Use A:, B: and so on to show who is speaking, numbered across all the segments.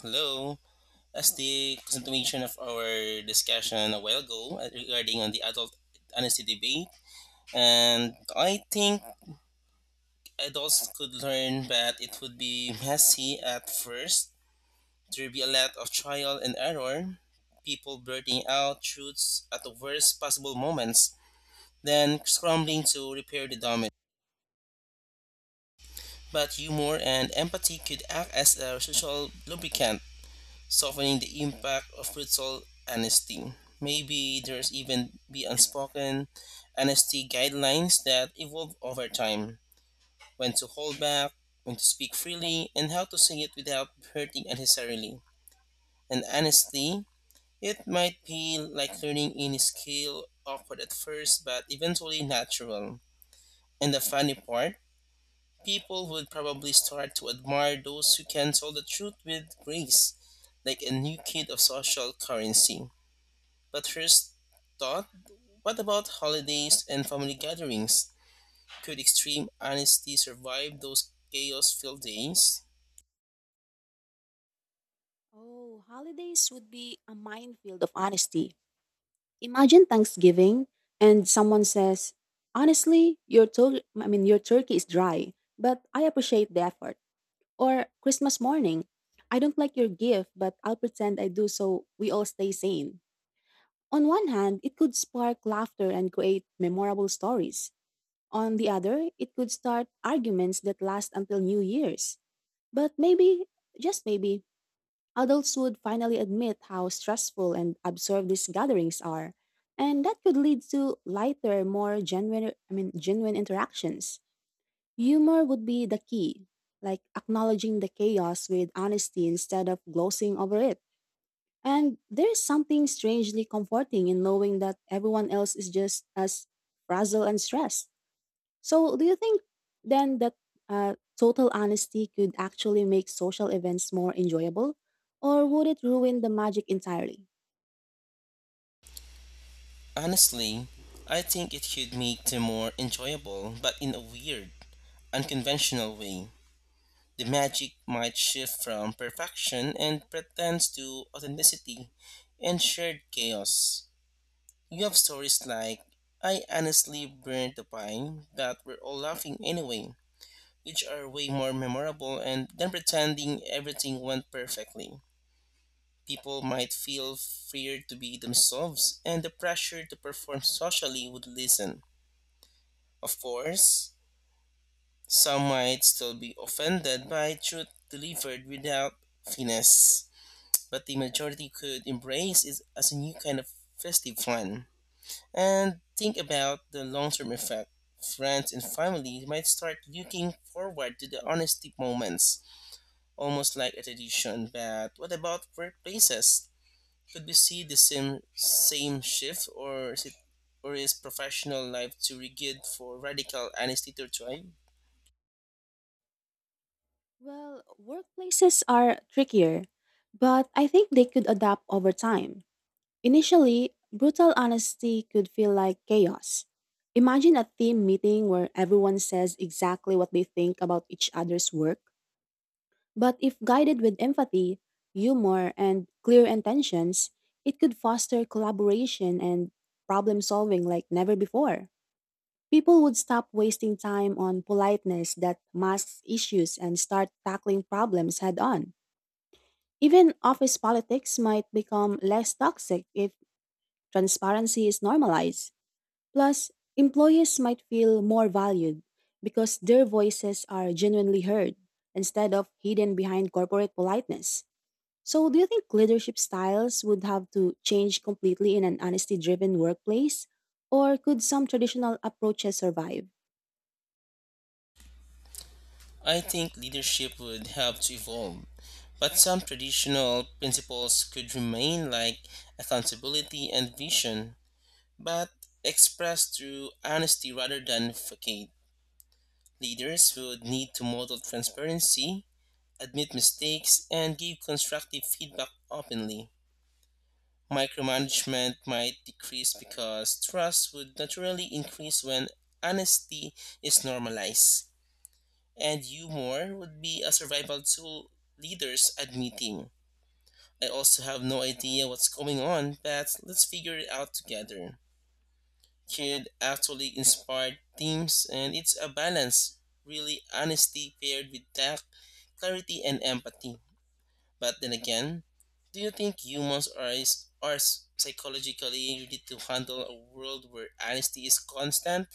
A: Hello. As the continuation of our discussion a while ago regarding on the adult honesty debate, and I think adults could learn that it would be messy at first. There'd be a lot of trial and error, people blurting out truths at the worst possible moments, then scrambling to repair the damage. But humor and empathy could act as a social lubricant softening the impact of brutal honesty. Maybe there's even be unspoken honesty guidelines that evolve over time. When to hold back, when to speak freely, and how to say it without hurting unnecessarily. And honestly, it might be like learning any skill, awkward at first, but eventually natural. And the funny part, people would probably start to admire those who can tell the truth with grace, like a new kid of social currency. But first thought, what about holidays and family gatherings? Could extreme honesty survive those chaos filled days?
B: Oh, holidays would be a minefield of honesty. Imagine Thanksgiving and someone says, "Honestly, your your turkey is dry, but I appreciate the effort." Or Christmas morning, "I don't like your gift, but I'll pretend I do so we all stay sane." On one hand, it could spark laughter and create memorable stories. On the other, it could start arguments that last until New Year's. But maybe, just maybe, adults would finally admit how stressful and absurd these gatherings are, and that could lead to lighter, more genuine interactions. Humor would be the key, like acknowledging the chaos with honesty instead of glossing over it. And there is something strangely comforting in knowing that everyone else is just as frazzled and stressed. So, do you think then that total honesty could actually make social events more enjoyable, or would it ruin the magic entirely?
A: Honestly, I think it could make them more enjoyable, but in a weird, unconventional way. The magic might shift from perfection and pretense to authenticity and shared chaos. You have stories like, I honestly burned the pie, but we're all laughing anyway, which are way more memorable, and than pretending everything went perfectly. People might feel freer to be themselves, and the pressure to perform socially would lessen. Of course, some might still be offended by truth delivered without finesse, but the majority could embrace it as a new kind of festive fun. And think about the long term effect. Friends and family might start looking forward to the honesty moments almost like a tradition. But what about workplaces? Could we see the same shift, or is professional life too rigid for radical honesty to thrive?
B: Well, workplaces are trickier, but I think they could adapt over time. Initially, brutal honesty could feel like chaos. Imagine a team meeting where everyone says exactly what they think about each other's work. But if guided with empathy, humor, and clear intentions, it could foster collaboration and problem solving like never before. People would stop wasting time on politeness that masks issues and start tackling problems head on. Even office politics might become less toxic if transparency is normalized. Plus, employees might feel more valued because their voices are genuinely heard instead of hidden behind corporate politeness. So, do you think leadership styles would have to change completely in an honesty driven workplace? Or could some traditional approaches survive?
A: I think leadership would have to evolve, but some traditional principles could remain, like accountability and vision, but expressed through honesty rather than facade. Leaders would need to model transparency, admit mistakes, and give constructive feedback openly. Micromanagement might decrease because trust would naturally increase when honesty is normalized, and humor would be a survival tool, leaders admitting. I also have no idea what's going on, but let's figure it out together. Could actually inspire teams, and it's a balance, really, honesty paired with tact, clarity, and empathy. But then again, do you think humans are, are psychologically ready to handle a world where honesty is constant,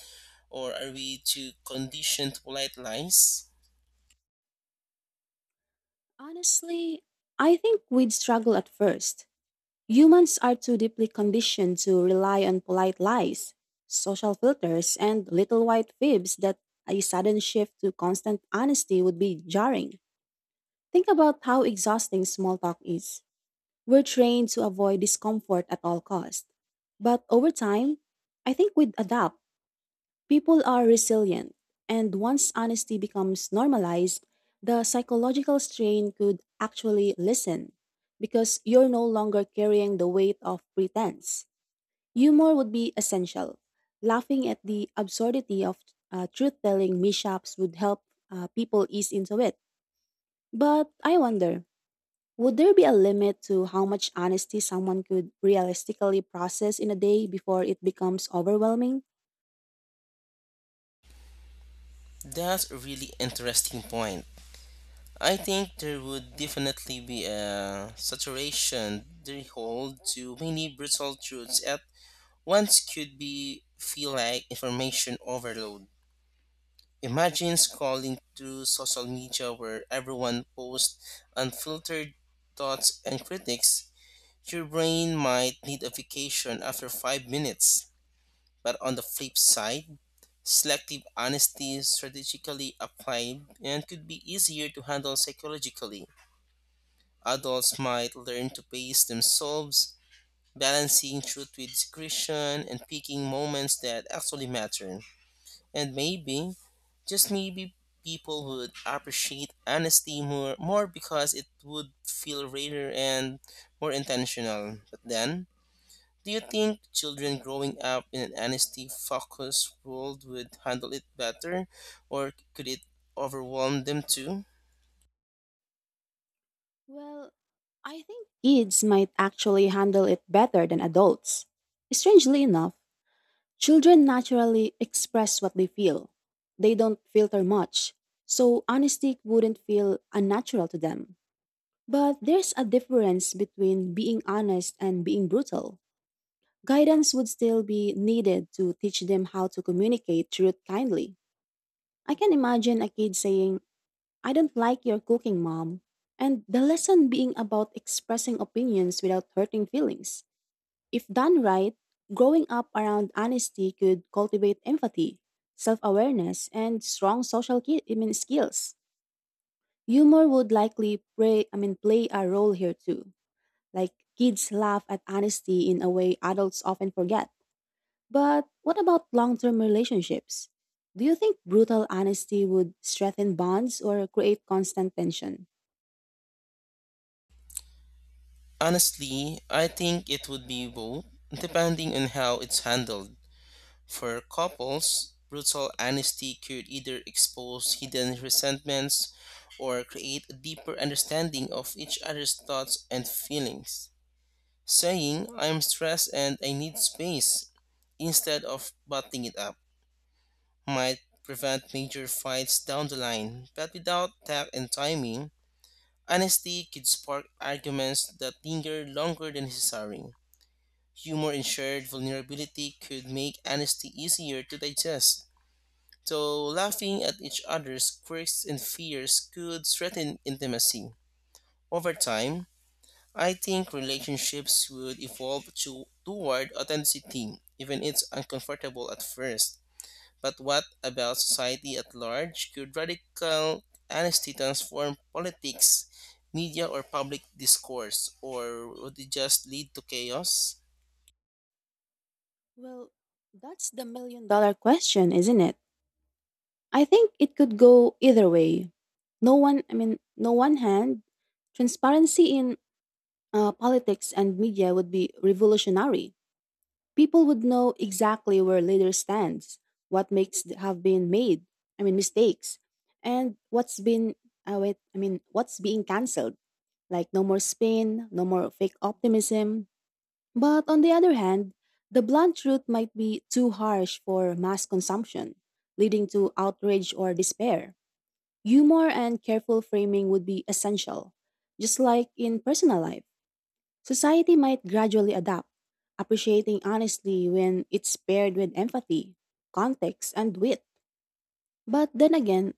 A: or are we too conditioned to polite lies?
B: Honestly, I think we'd struggle at first. Humans are too deeply conditioned to rely on polite lies, social filters, and little white fibs that a sudden shift to constant honesty would be jarring. Think about how exhausting small talk is. We're trained to avoid discomfort at all costs. But over time, I think we'd adapt. People are resilient, and once honesty becomes normalized, the psychological strain could actually listen because you're no longer carrying the weight of pretense. Humor would be essential. Laughing at the absurdity of truth telling mishaps would help people ease into it. But I wonder, would there be a limit to how much honesty someone could realistically process in a day before it becomes overwhelming?
A: That's a really interesting point. I think there would definitely be a saturation they hold to many brutal truths at once could be feel like information overload. Imagine scrolling through social media where everyone posts unfiltered thoughts and critics. Your brain might need a vacation after 5 minutes. But on the flip side, selective honesty is strategically applied and could be easier to handle psychologically. Adults might learn to pace themselves, balancing truth with discretion and picking moments that actually matter. And maybe, just maybe, people would appreciate honesty more, more because it would feel rarer and more intentional. But then, do you think children growing up in an honesty focused world would handle it better, or could it overwhelm them too?
B: Well, I think kids might actually handle it better than adults. Strangely enough, children naturally express what they feel. They don't filter much, so honesty wouldn't feel unnatural to them. But there's a difference between being honest and being brutal. Guidance would still be needed to teach them how to communicate truth kindly. I can imagine a kid saying, "I don't like your cooking, mom." And the lesson being about expressing opinions without hurting feelings. If done right, growing up around honesty could cultivate empathy, self awareness, and strong social skills. Humor would likely play a role here too. Like kids laugh at honesty in a way adults often forget. But what about long term relationships? Do you think brutal honesty would strengthen bonds or create constant tension?
A: Honestly, I think it would be both, depending on how it's handled. For couples, brutal honesty could either expose hidden resentments or create a deeper understanding of each other's thoughts and feelings. Saying, I'm stressed and I need space, instead of butting it up, might prevent major fights down the line. But without tact and timing, honesty could spark arguments that linger longer than necessary. Humor and shared vulnerability could make honesty easier to digest, though laughing at each other's quirks and fears could threaten intimacy. Over time, I think relationships would evolve toward authenticity, even if it's uncomfortable at first. But what about society at large? Could radical honesty transform politics, media, or public discourse, or would it just lead to chaos?
B: Well, that's the million dollar question, isn't it? I think it could go either way. No one hand, transparency in politics and media would be revolutionary. People would know exactly where leader stands, what makes th- have been made, I mean mistakes, and what's been wait, I mean what's being cancelled. Like no more spin, no more fake optimism. But on the other hand, the blunt truth might be too harsh for mass consumption, leading to outrage or despair. Humor and careful framing would be essential, just like in personal life. Society might gradually adapt, appreciating honesty when it's paired with empathy, context, and wit. But then again,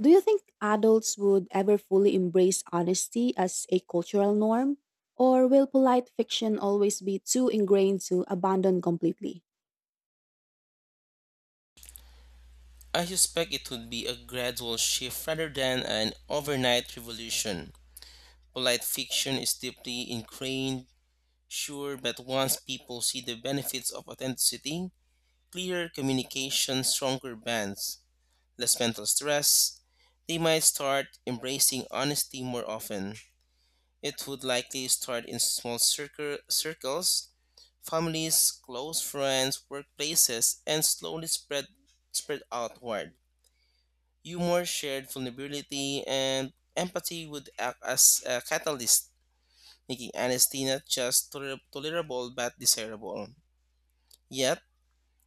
B: do you think adults would ever fully embrace honesty as a cultural norm? Or will polite fiction always be too ingrained to abandon completely?
A: I suspect it would be a gradual shift rather than an overnight revolution. Polite fiction is deeply ingrained, sure, but once people see the benefits of authenticity, clearer communication, stronger bonds, less mental stress, they might start embracing honesty more often. It would likely start in circles, families, close friends, workplaces, and slowly spread outward. Humor, shared vulnerability, and empathy would act as a catalyst making honesty not just tolerable but desirable. Yet,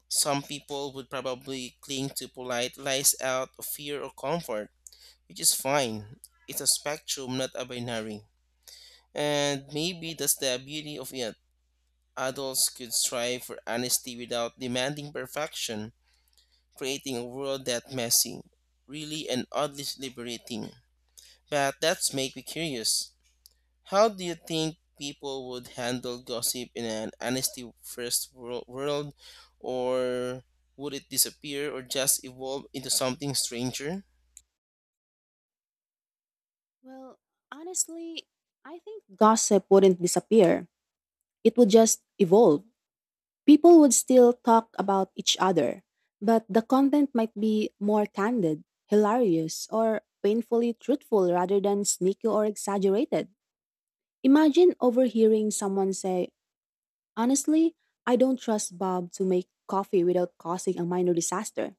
A: some people would probably cling to polite lies out of fear or comfort, which is fine. It's a spectrum, not a binary. And maybe that's the beauty of it. Adults could strive for honesty without demanding perfection, creating a world that's messy, really and oddly liberating. But that's make me curious. How do you think people would handle gossip in an honesty first world, or would it disappear or just evolve into something stranger?
B: Well, honestly, I think gossip wouldn't disappear. It would just evolve. People would still talk about each other, but the content might be more candid, hilarious, or painfully truthful rather than sneaky or exaggerated. Imagine overhearing someone say, "Honestly, I don't trust Bob to make coffee without causing a minor disaster."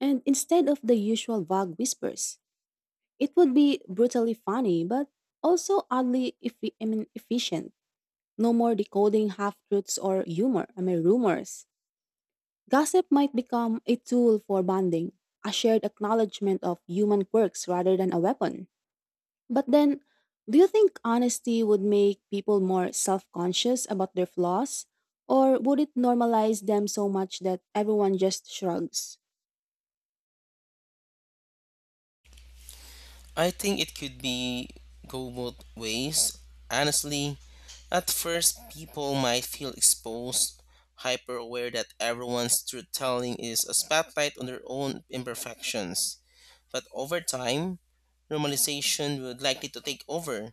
B: And instead of the usual vague whispers, it would be brutally funny, but also oddly efficient. No more decoding half truths or rumors. Gossip might become a tool for bonding, a shared acknowledgement of human quirks rather than a weapon. But then, do you think honesty would make people more self conscious about their flaws? Or would it normalize them so much that everyone just shrugs?
A: I think it could be go both ways. Honestly, at first, people might feel exposed, hyper aware that everyone's truth telling is a spotlight on their own imperfections. But over time, normalization would likely to take over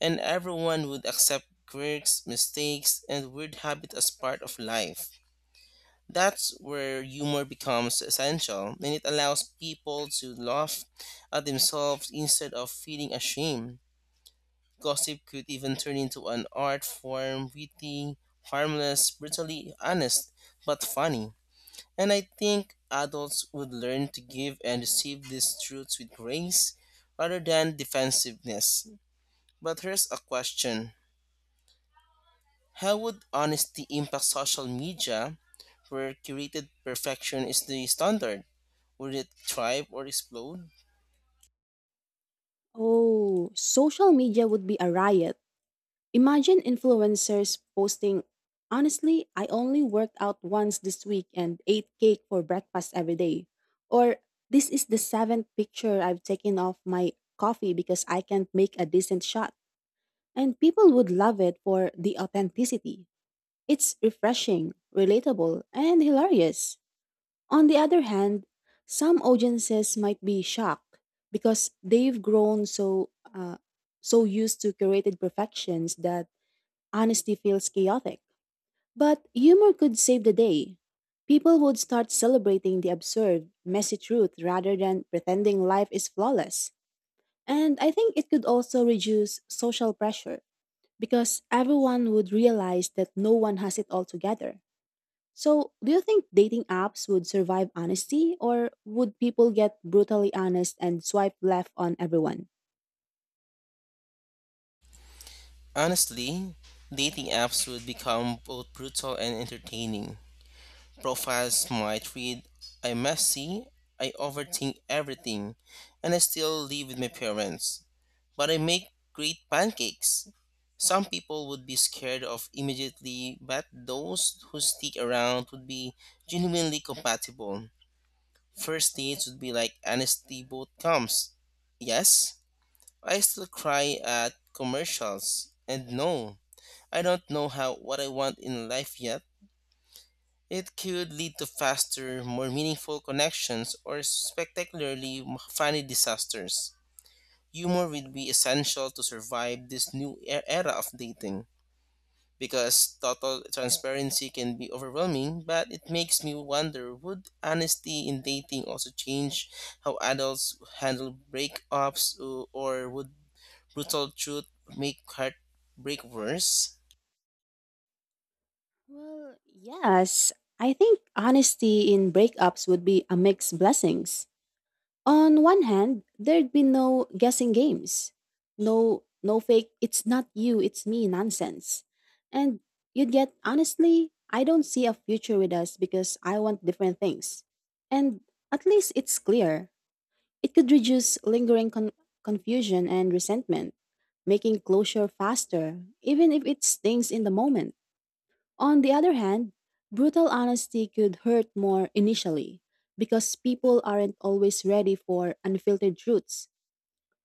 A: and everyone would accept quirks, mistakes, and weird habits as part of life. That's where humor becomes essential, and it allows people to laugh at themselves instead of feeling ashamed. Gossip could even turn into an art form, witty, harmless, brutally honest, but funny. And I think adults would learn to give and receive these truths with grace rather than defensiveness. But here's a question. How would honesty impact social media where curated perfection is the standard? Would it thrive or explode?
B: Oh, social media would be a riot. Imagine influencers posting, "Honestly, I only worked out once this week and ate cake for breakfast every day." Or, "This is the seventh picture I've taken of my coffee because I can't make a decent shot." And people would love it for the authenticity. It's refreshing, relatable, and hilarious. On the other hand, some audiences might be shocked because they've grown so used to curated perfections that honesty feels chaotic, but humor could save the day. People would start celebrating the absurd, messy truth rather than pretending life is flawless. And I think it could also reduce social pressure because everyone would realize that no one has it all together. So, do you think dating apps would survive honesty, or would people get brutally honest and swipe left on everyone?
A: Honestly, dating apps would become both brutal and entertaining. Profiles might read, I'm messy, I overthink everything, and I still live with my parents. But I make great pancakes. Some people would be scared of immediately, but those who stick around would be genuinely compatible. First dates would be like honesty both comes. Yes, I still cry at commercials. And no, I don't know how what I want in life yet. It could lead to faster, more meaningful connections or spectacularly funny disasters. Humor will be essential to survive this new era of dating because total transparency can be overwhelming, but it makes me wonder would honesty in dating also change how adults handle breakups, or would brutal truth make heartbreak worse?
B: Well, yes. I think honesty in breakups would be a mixed blessings. On one hand, there'd be no guessing games. No fake "it's not you, it's me" nonsense. And you'd get, "Honestly, I don't see a future with us because I want different things." And at least it's clear. It could reduce lingering confusion and resentment, making closure faster, even if it stings in the moment. On the other hand, brutal honesty could hurt more initially because people aren't always ready for unfiltered truths.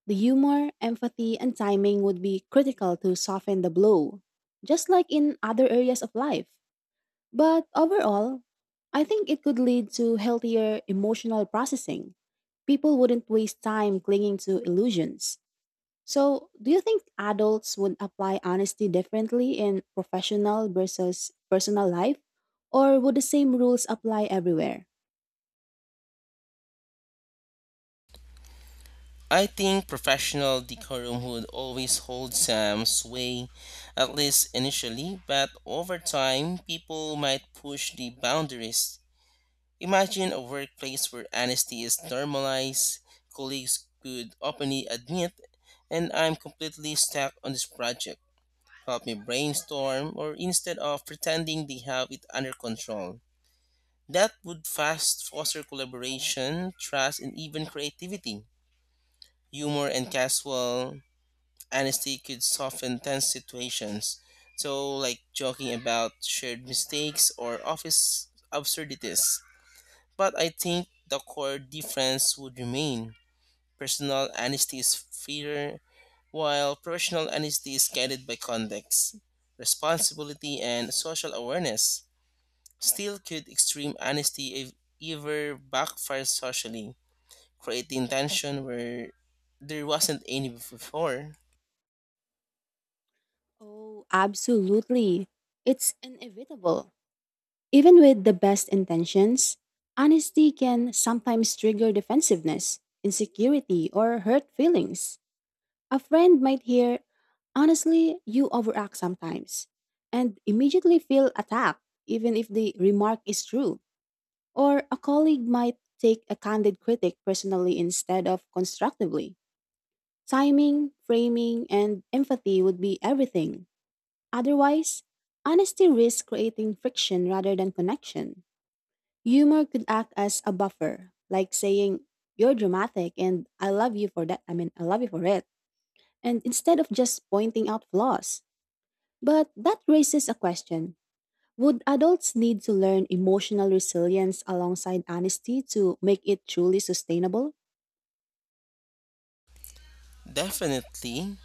B: The humor, empathy, and timing would be critical to soften the blow, just like in other areas of life. But overall, I think it could lead to healthier emotional processing. People wouldn't waste time clinging to illusions. So, do you think adults would apply honesty differently in professional versus personal life? Or would the same rules apply everywhere?
A: I think professional decorum would always hold some sway, at least initially, but over time, people might push the boundaries. Imagine a workplace where honesty is normalized, colleagues could openly admit, and I'm completely stuck on this project. Help me brainstorm, or instead of pretending they have it under control. That would fast foster collaboration, trust, and even creativity. Humor and casual honesty could soften tense situations. So, like joking about shared mistakes or office absurdities, but I think the core difference would remain. Personal honesty is freer, while professional honesty is guided by context, responsibility, and social awareness. Still, could extreme honesty ever backfire socially, creating tension where there wasn't any before?
B: Oh, absolutely. It's inevitable. Even with the best intentions, honesty can sometimes trigger defensiveness, insecurity, or hurt feelings. A friend might hear, "Honestly, you overact sometimes," and immediately feel attacked, even if the remark is true. Or a colleague might take a candid critic personally instead of constructively. Timing, framing, and empathy would be everything. Otherwise, honesty risks creating friction rather than connection. Humor could act as a buffer, like saying, "You're dramatic and I love you for I love you for it." And instead of just pointing out flaws. But that raises a question. Would adults need to learn emotional resilience alongside honesty to make it truly sustainable?
A: Definitely.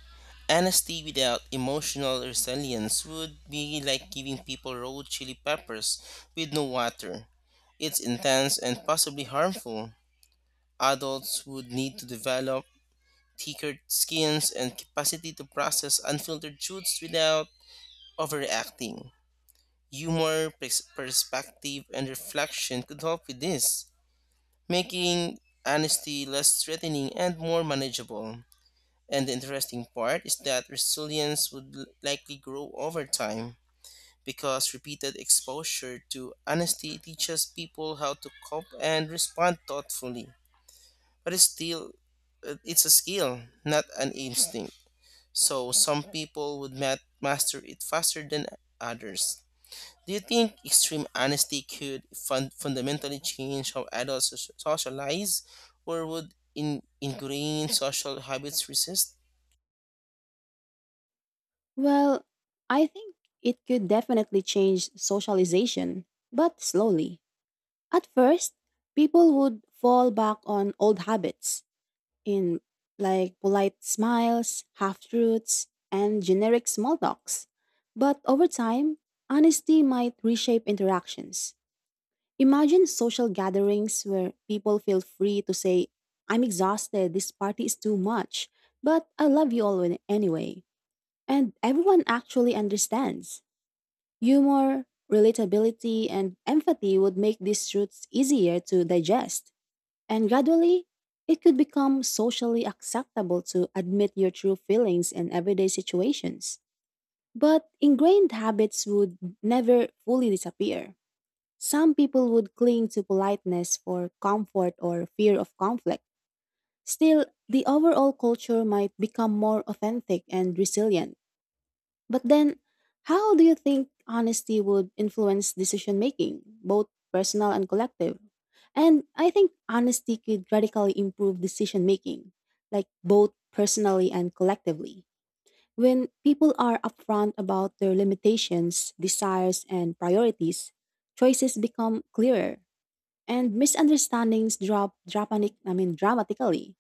A: Honesty without emotional resilience would be like giving people raw chili peppers with no water. It's intense and possibly harmful. Adults would need to develop thicker skins and capacity to process unfiltered truths without overreacting. Humor, perspective, and reflection could help with this, making honesty less threatening and more manageable. And the interesting part is that resilience would likely grow over time because repeated exposure to honesty teaches people how to cope and respond thoughtfully. But it's still it's a skill, not an instinct. So some people would master it faster than others. Do you think extreme honesty could fundamentally change how adults socialize, or would ingrained social habits resist?
B: Well, I think it could definitely change socialization, but slowly. At first, people would fall back on old habits in like polite smiles, half-truths, and generic small talks. But over time, honesty might reshape interactions. Imagine social gatherings where people feel free to say, "I'm exhausted, this party is too much, but I love you all anyway." And everyone actually understands. Humor, relatability, and empathy would make these truths easier to digest. And gradually, it could become socially acceptable to admit your true feelings in everyday situations. But ingrained habits would never fully disappear. Some people would cling to politeness for comfort or fear of conflict. Still, the overall culture might become more authentic and resilient. But then, how do you think honesty would influence decision making, both personal and collective? And I think honesty could radically improve decision making, like both personally and collectively. When people are upfront about their limitations, desires, and priorities, choices become clearer and misunderstandings drop dramatically.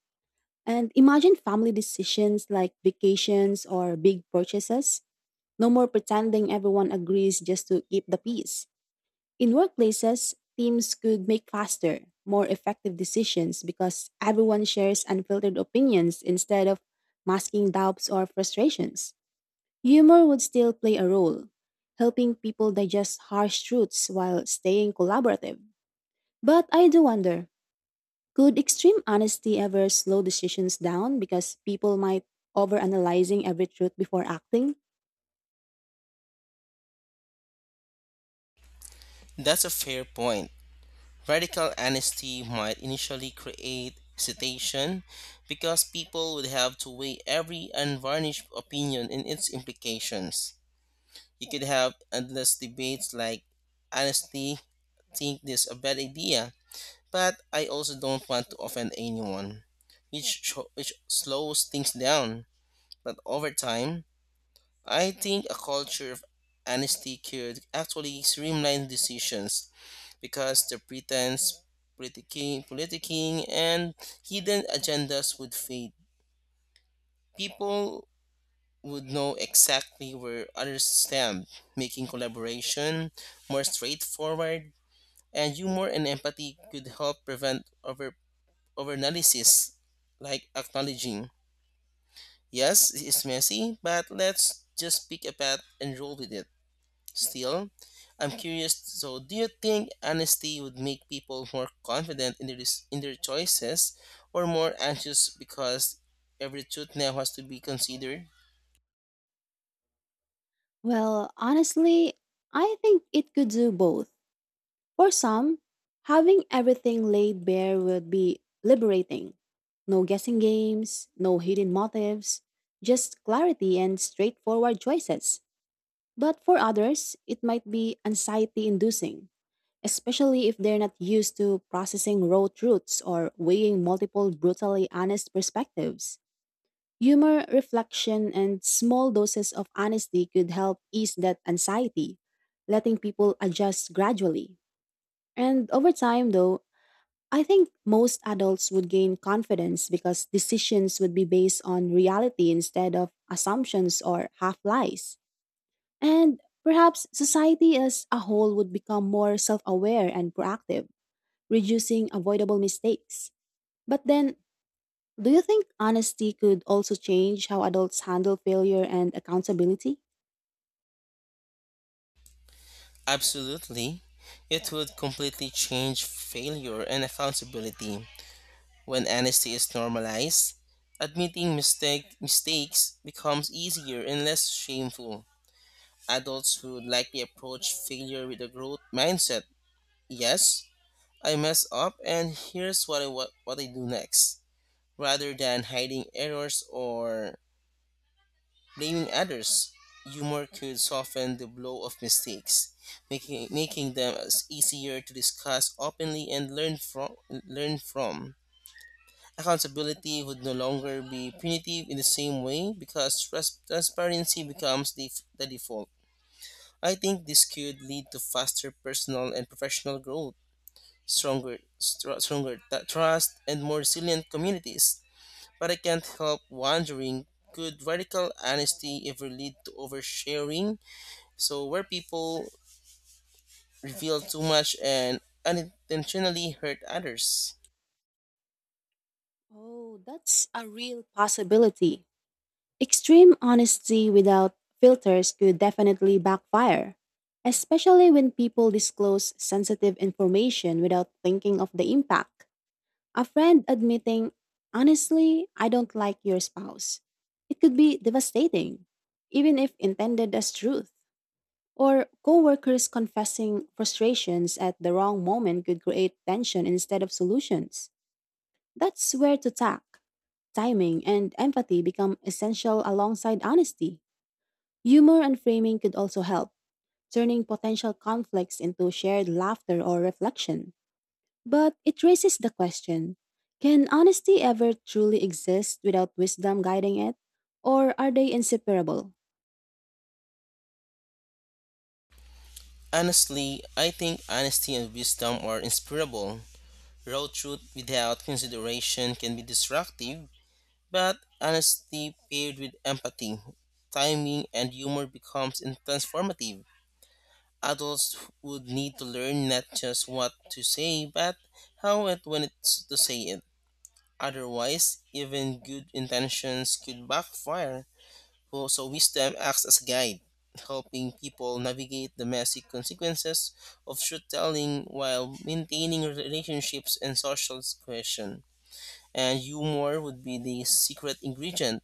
B: And imagine family decisions like vacations or big purchases. No more pretending everyone agrees just to keep the peace. In workplaces, teams could make faster, more effective decisions because everyone shares unfiltered opinions instead of masking doubts or frustrations. Humor would still play a role, helping people digest harsh truths while staying collaborative. But I do wonder, could extreme honesty ever slow decisions down because people might overanalyzing every truth before acting?
A: That's a fair point. Radical honesty might initially create hesitation because people would have to weigh every unvarnished opinion and its implications. You could have endless debates like, honestly, think this a bad idea, but I also don't want to offend anyone, which slows things down. But over time, I think a culture of honesty could actually streamline decisions because the pretense, politicking, and hidden agendas would fade. People would know exactly where others stand, making collaboration more straightforward, and humor and empathy could help prevent overanalysis, like acknowledging, yes, it's messy, but let's just pick a path and roll with it. Still, I'm curious. So, do you think honesty would make people more confident in their in their choices, or more anxious because every truth now has to be considered?
B: Well, honestly, I think it could do both. For some, having everything laid bare would be liberating. No guessing games, no hidden motives, just clarity and straightforward choices. But for others, it might be anxiety inducing, especially if they're not used to processing raw truths or weighing multiple brutally honest perspectives. Humor, reflection, and small doses of honesty could help ease that anxiety, letting people adjust gradually. And over time, though, I think most adults would gain confidence because decisions would be based on reality instead of assumptions or half lies. And perhaps society as a whole would become more self aware and proactive, reducing avoidable mistakes. But then, do you think honesty could also change how adults handle failure and accountability?
A: Absolutely, it would completely change failure and accountability when honesty is normalized. Admitting mistakes becomes easier and less shameful. Adults would likely approach failure with a growth mindset. Yes, I mess up and here's what I do next. Rather than hiding errors or blaming others, humor could soften the blow of mistakes, making them as easier to discuss openly and learn from. Accountability would no longer be punitive in the same way because transparency becomes the default. I think this could lead to faster personal and professional growth. Stronger, stronger trust, and more resilient communities. But I can't help wondering, could radical honesty ever lead to oversharing? So, where people reveal too much and unintentionally hurt others?
B: Oh, that's a real possibility. Extreme honesty without filters could definitely backfire, especially when people disclose sensitive information without thinking of the impact. A friend admitting, "Honestly, I don't like your spouse." It could be devastating, even if intended as truth. Or coworkers confessing frustrations at the wrong moment could create tension instead of solutions. That's where to tack. Timing and empathy become essential alongside honesty. Humor and framing could also help, turning potential conflicts into shared laughter or reflection. But it raises the question, can honesty ever truly exist without wisdom guiding it? Or are they inseparable?
A: Honestly, I think honesty and wisdom are inseparable. Raw truth without consideration can be destructive, but honesty paired with empathy, timing, and humor becomes transformative. Adults would need to learn not just what to say, but how and when it's to say it. Otherwise, even good intentions could backfire. So, wisdom acts as a guide, helping people navigate the messy consequences of truth telling while maintaining relationships and social cohesion. And humor would be the secret ingredient,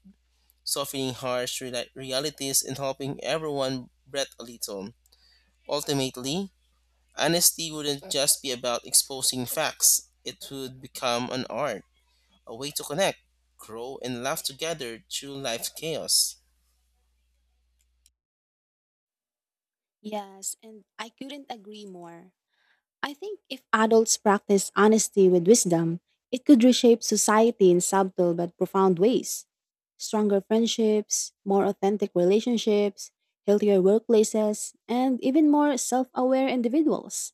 A: softening harsh realities and helping everyone breathe a little. Ultimately, honesty wouldn't just be about exposing facts, it would become an art, a way to connect, grow, and laugh together through life's chaos.
B: Yes, and I couldn't agree more. I think if adults practice honesty with wisdom, it could reshape society in subtle but profound ways. Stronger friendships, more authentic relationships, healthier workplaces, and even more self aware individuals.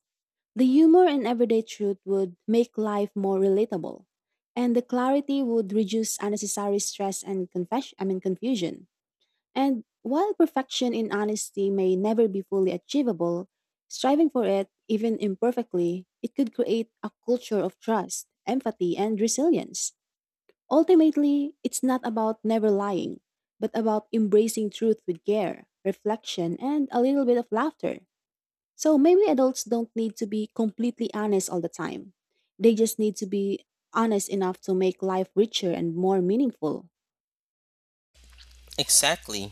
B: The humor in everyday truth would make life more relatable, and the clarity would reduce unnecessary stress and confusion. And while perfection in honesty may never be fully achievable, striving for it, even imperfectly, it could create a culture of trust, empathy, and resilience. Ultimately, it's not about never lying, but about embracing truth with care, reflection, and a little bit of laughter. So maybe adults don't need to be completely honest all the time. They just need to be honest enough to make life richer and more meaningful.
A: Exactly.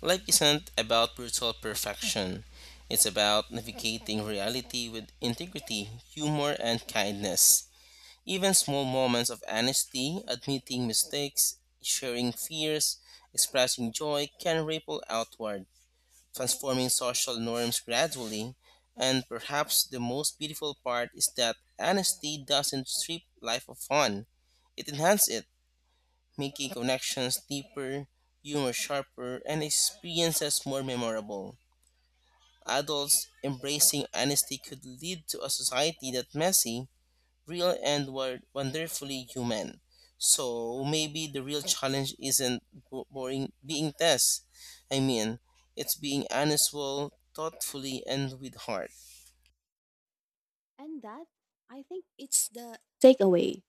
A: Life isn't about brutal perfection. It's about navigating reality with integrity, humor, and kindness. Even small moments of honesty, admitting mistakes, sharing fears, expressing joy can ripple outward, transforming social norms gradually. And perhaps the most beautiful part is that honesty doesn't strip life of fun. It enhances it, making connections deeper, humor sharper, and experiences more memorable. Adults embracing honesty could lead to a society that's messy, real and were wonderfully human. So maybe the real challenge isn't bo- boring being tests. I mean, it's being honest, well, thoughtfully, and with heart.
B: And that, I think, it's the takeaway.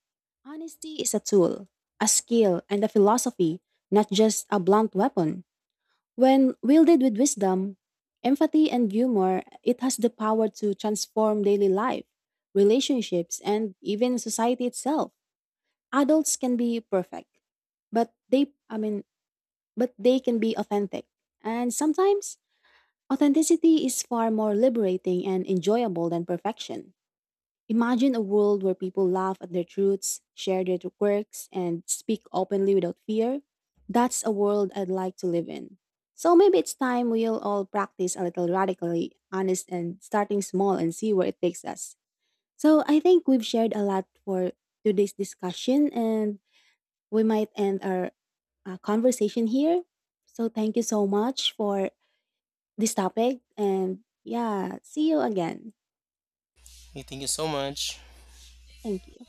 B: Honesty is a tool, a skill, and a philosophy, not just a blunt weapon. When wielded with wisdom, empathy, and humor, it has the power to transform daily life, relationships, and even society itself. Adults can be perfect, but they, I mean, but they can be authentic. And sometimes, authenticity is far more liberating and enjoyable than perfection. Imagine a world where people laugh at their truths, share their quirks, and speak openly without fear. That's a world I'd like to live in. So maybe it's time we'll all practice a little radically honest and starting small and see where it takes us. So I think we've shared a lot for today's discussion and we might end our conversation here. So thank you so much for this topic and yeah, see you again.
A: Okay, thank you so much.
B: Thank you.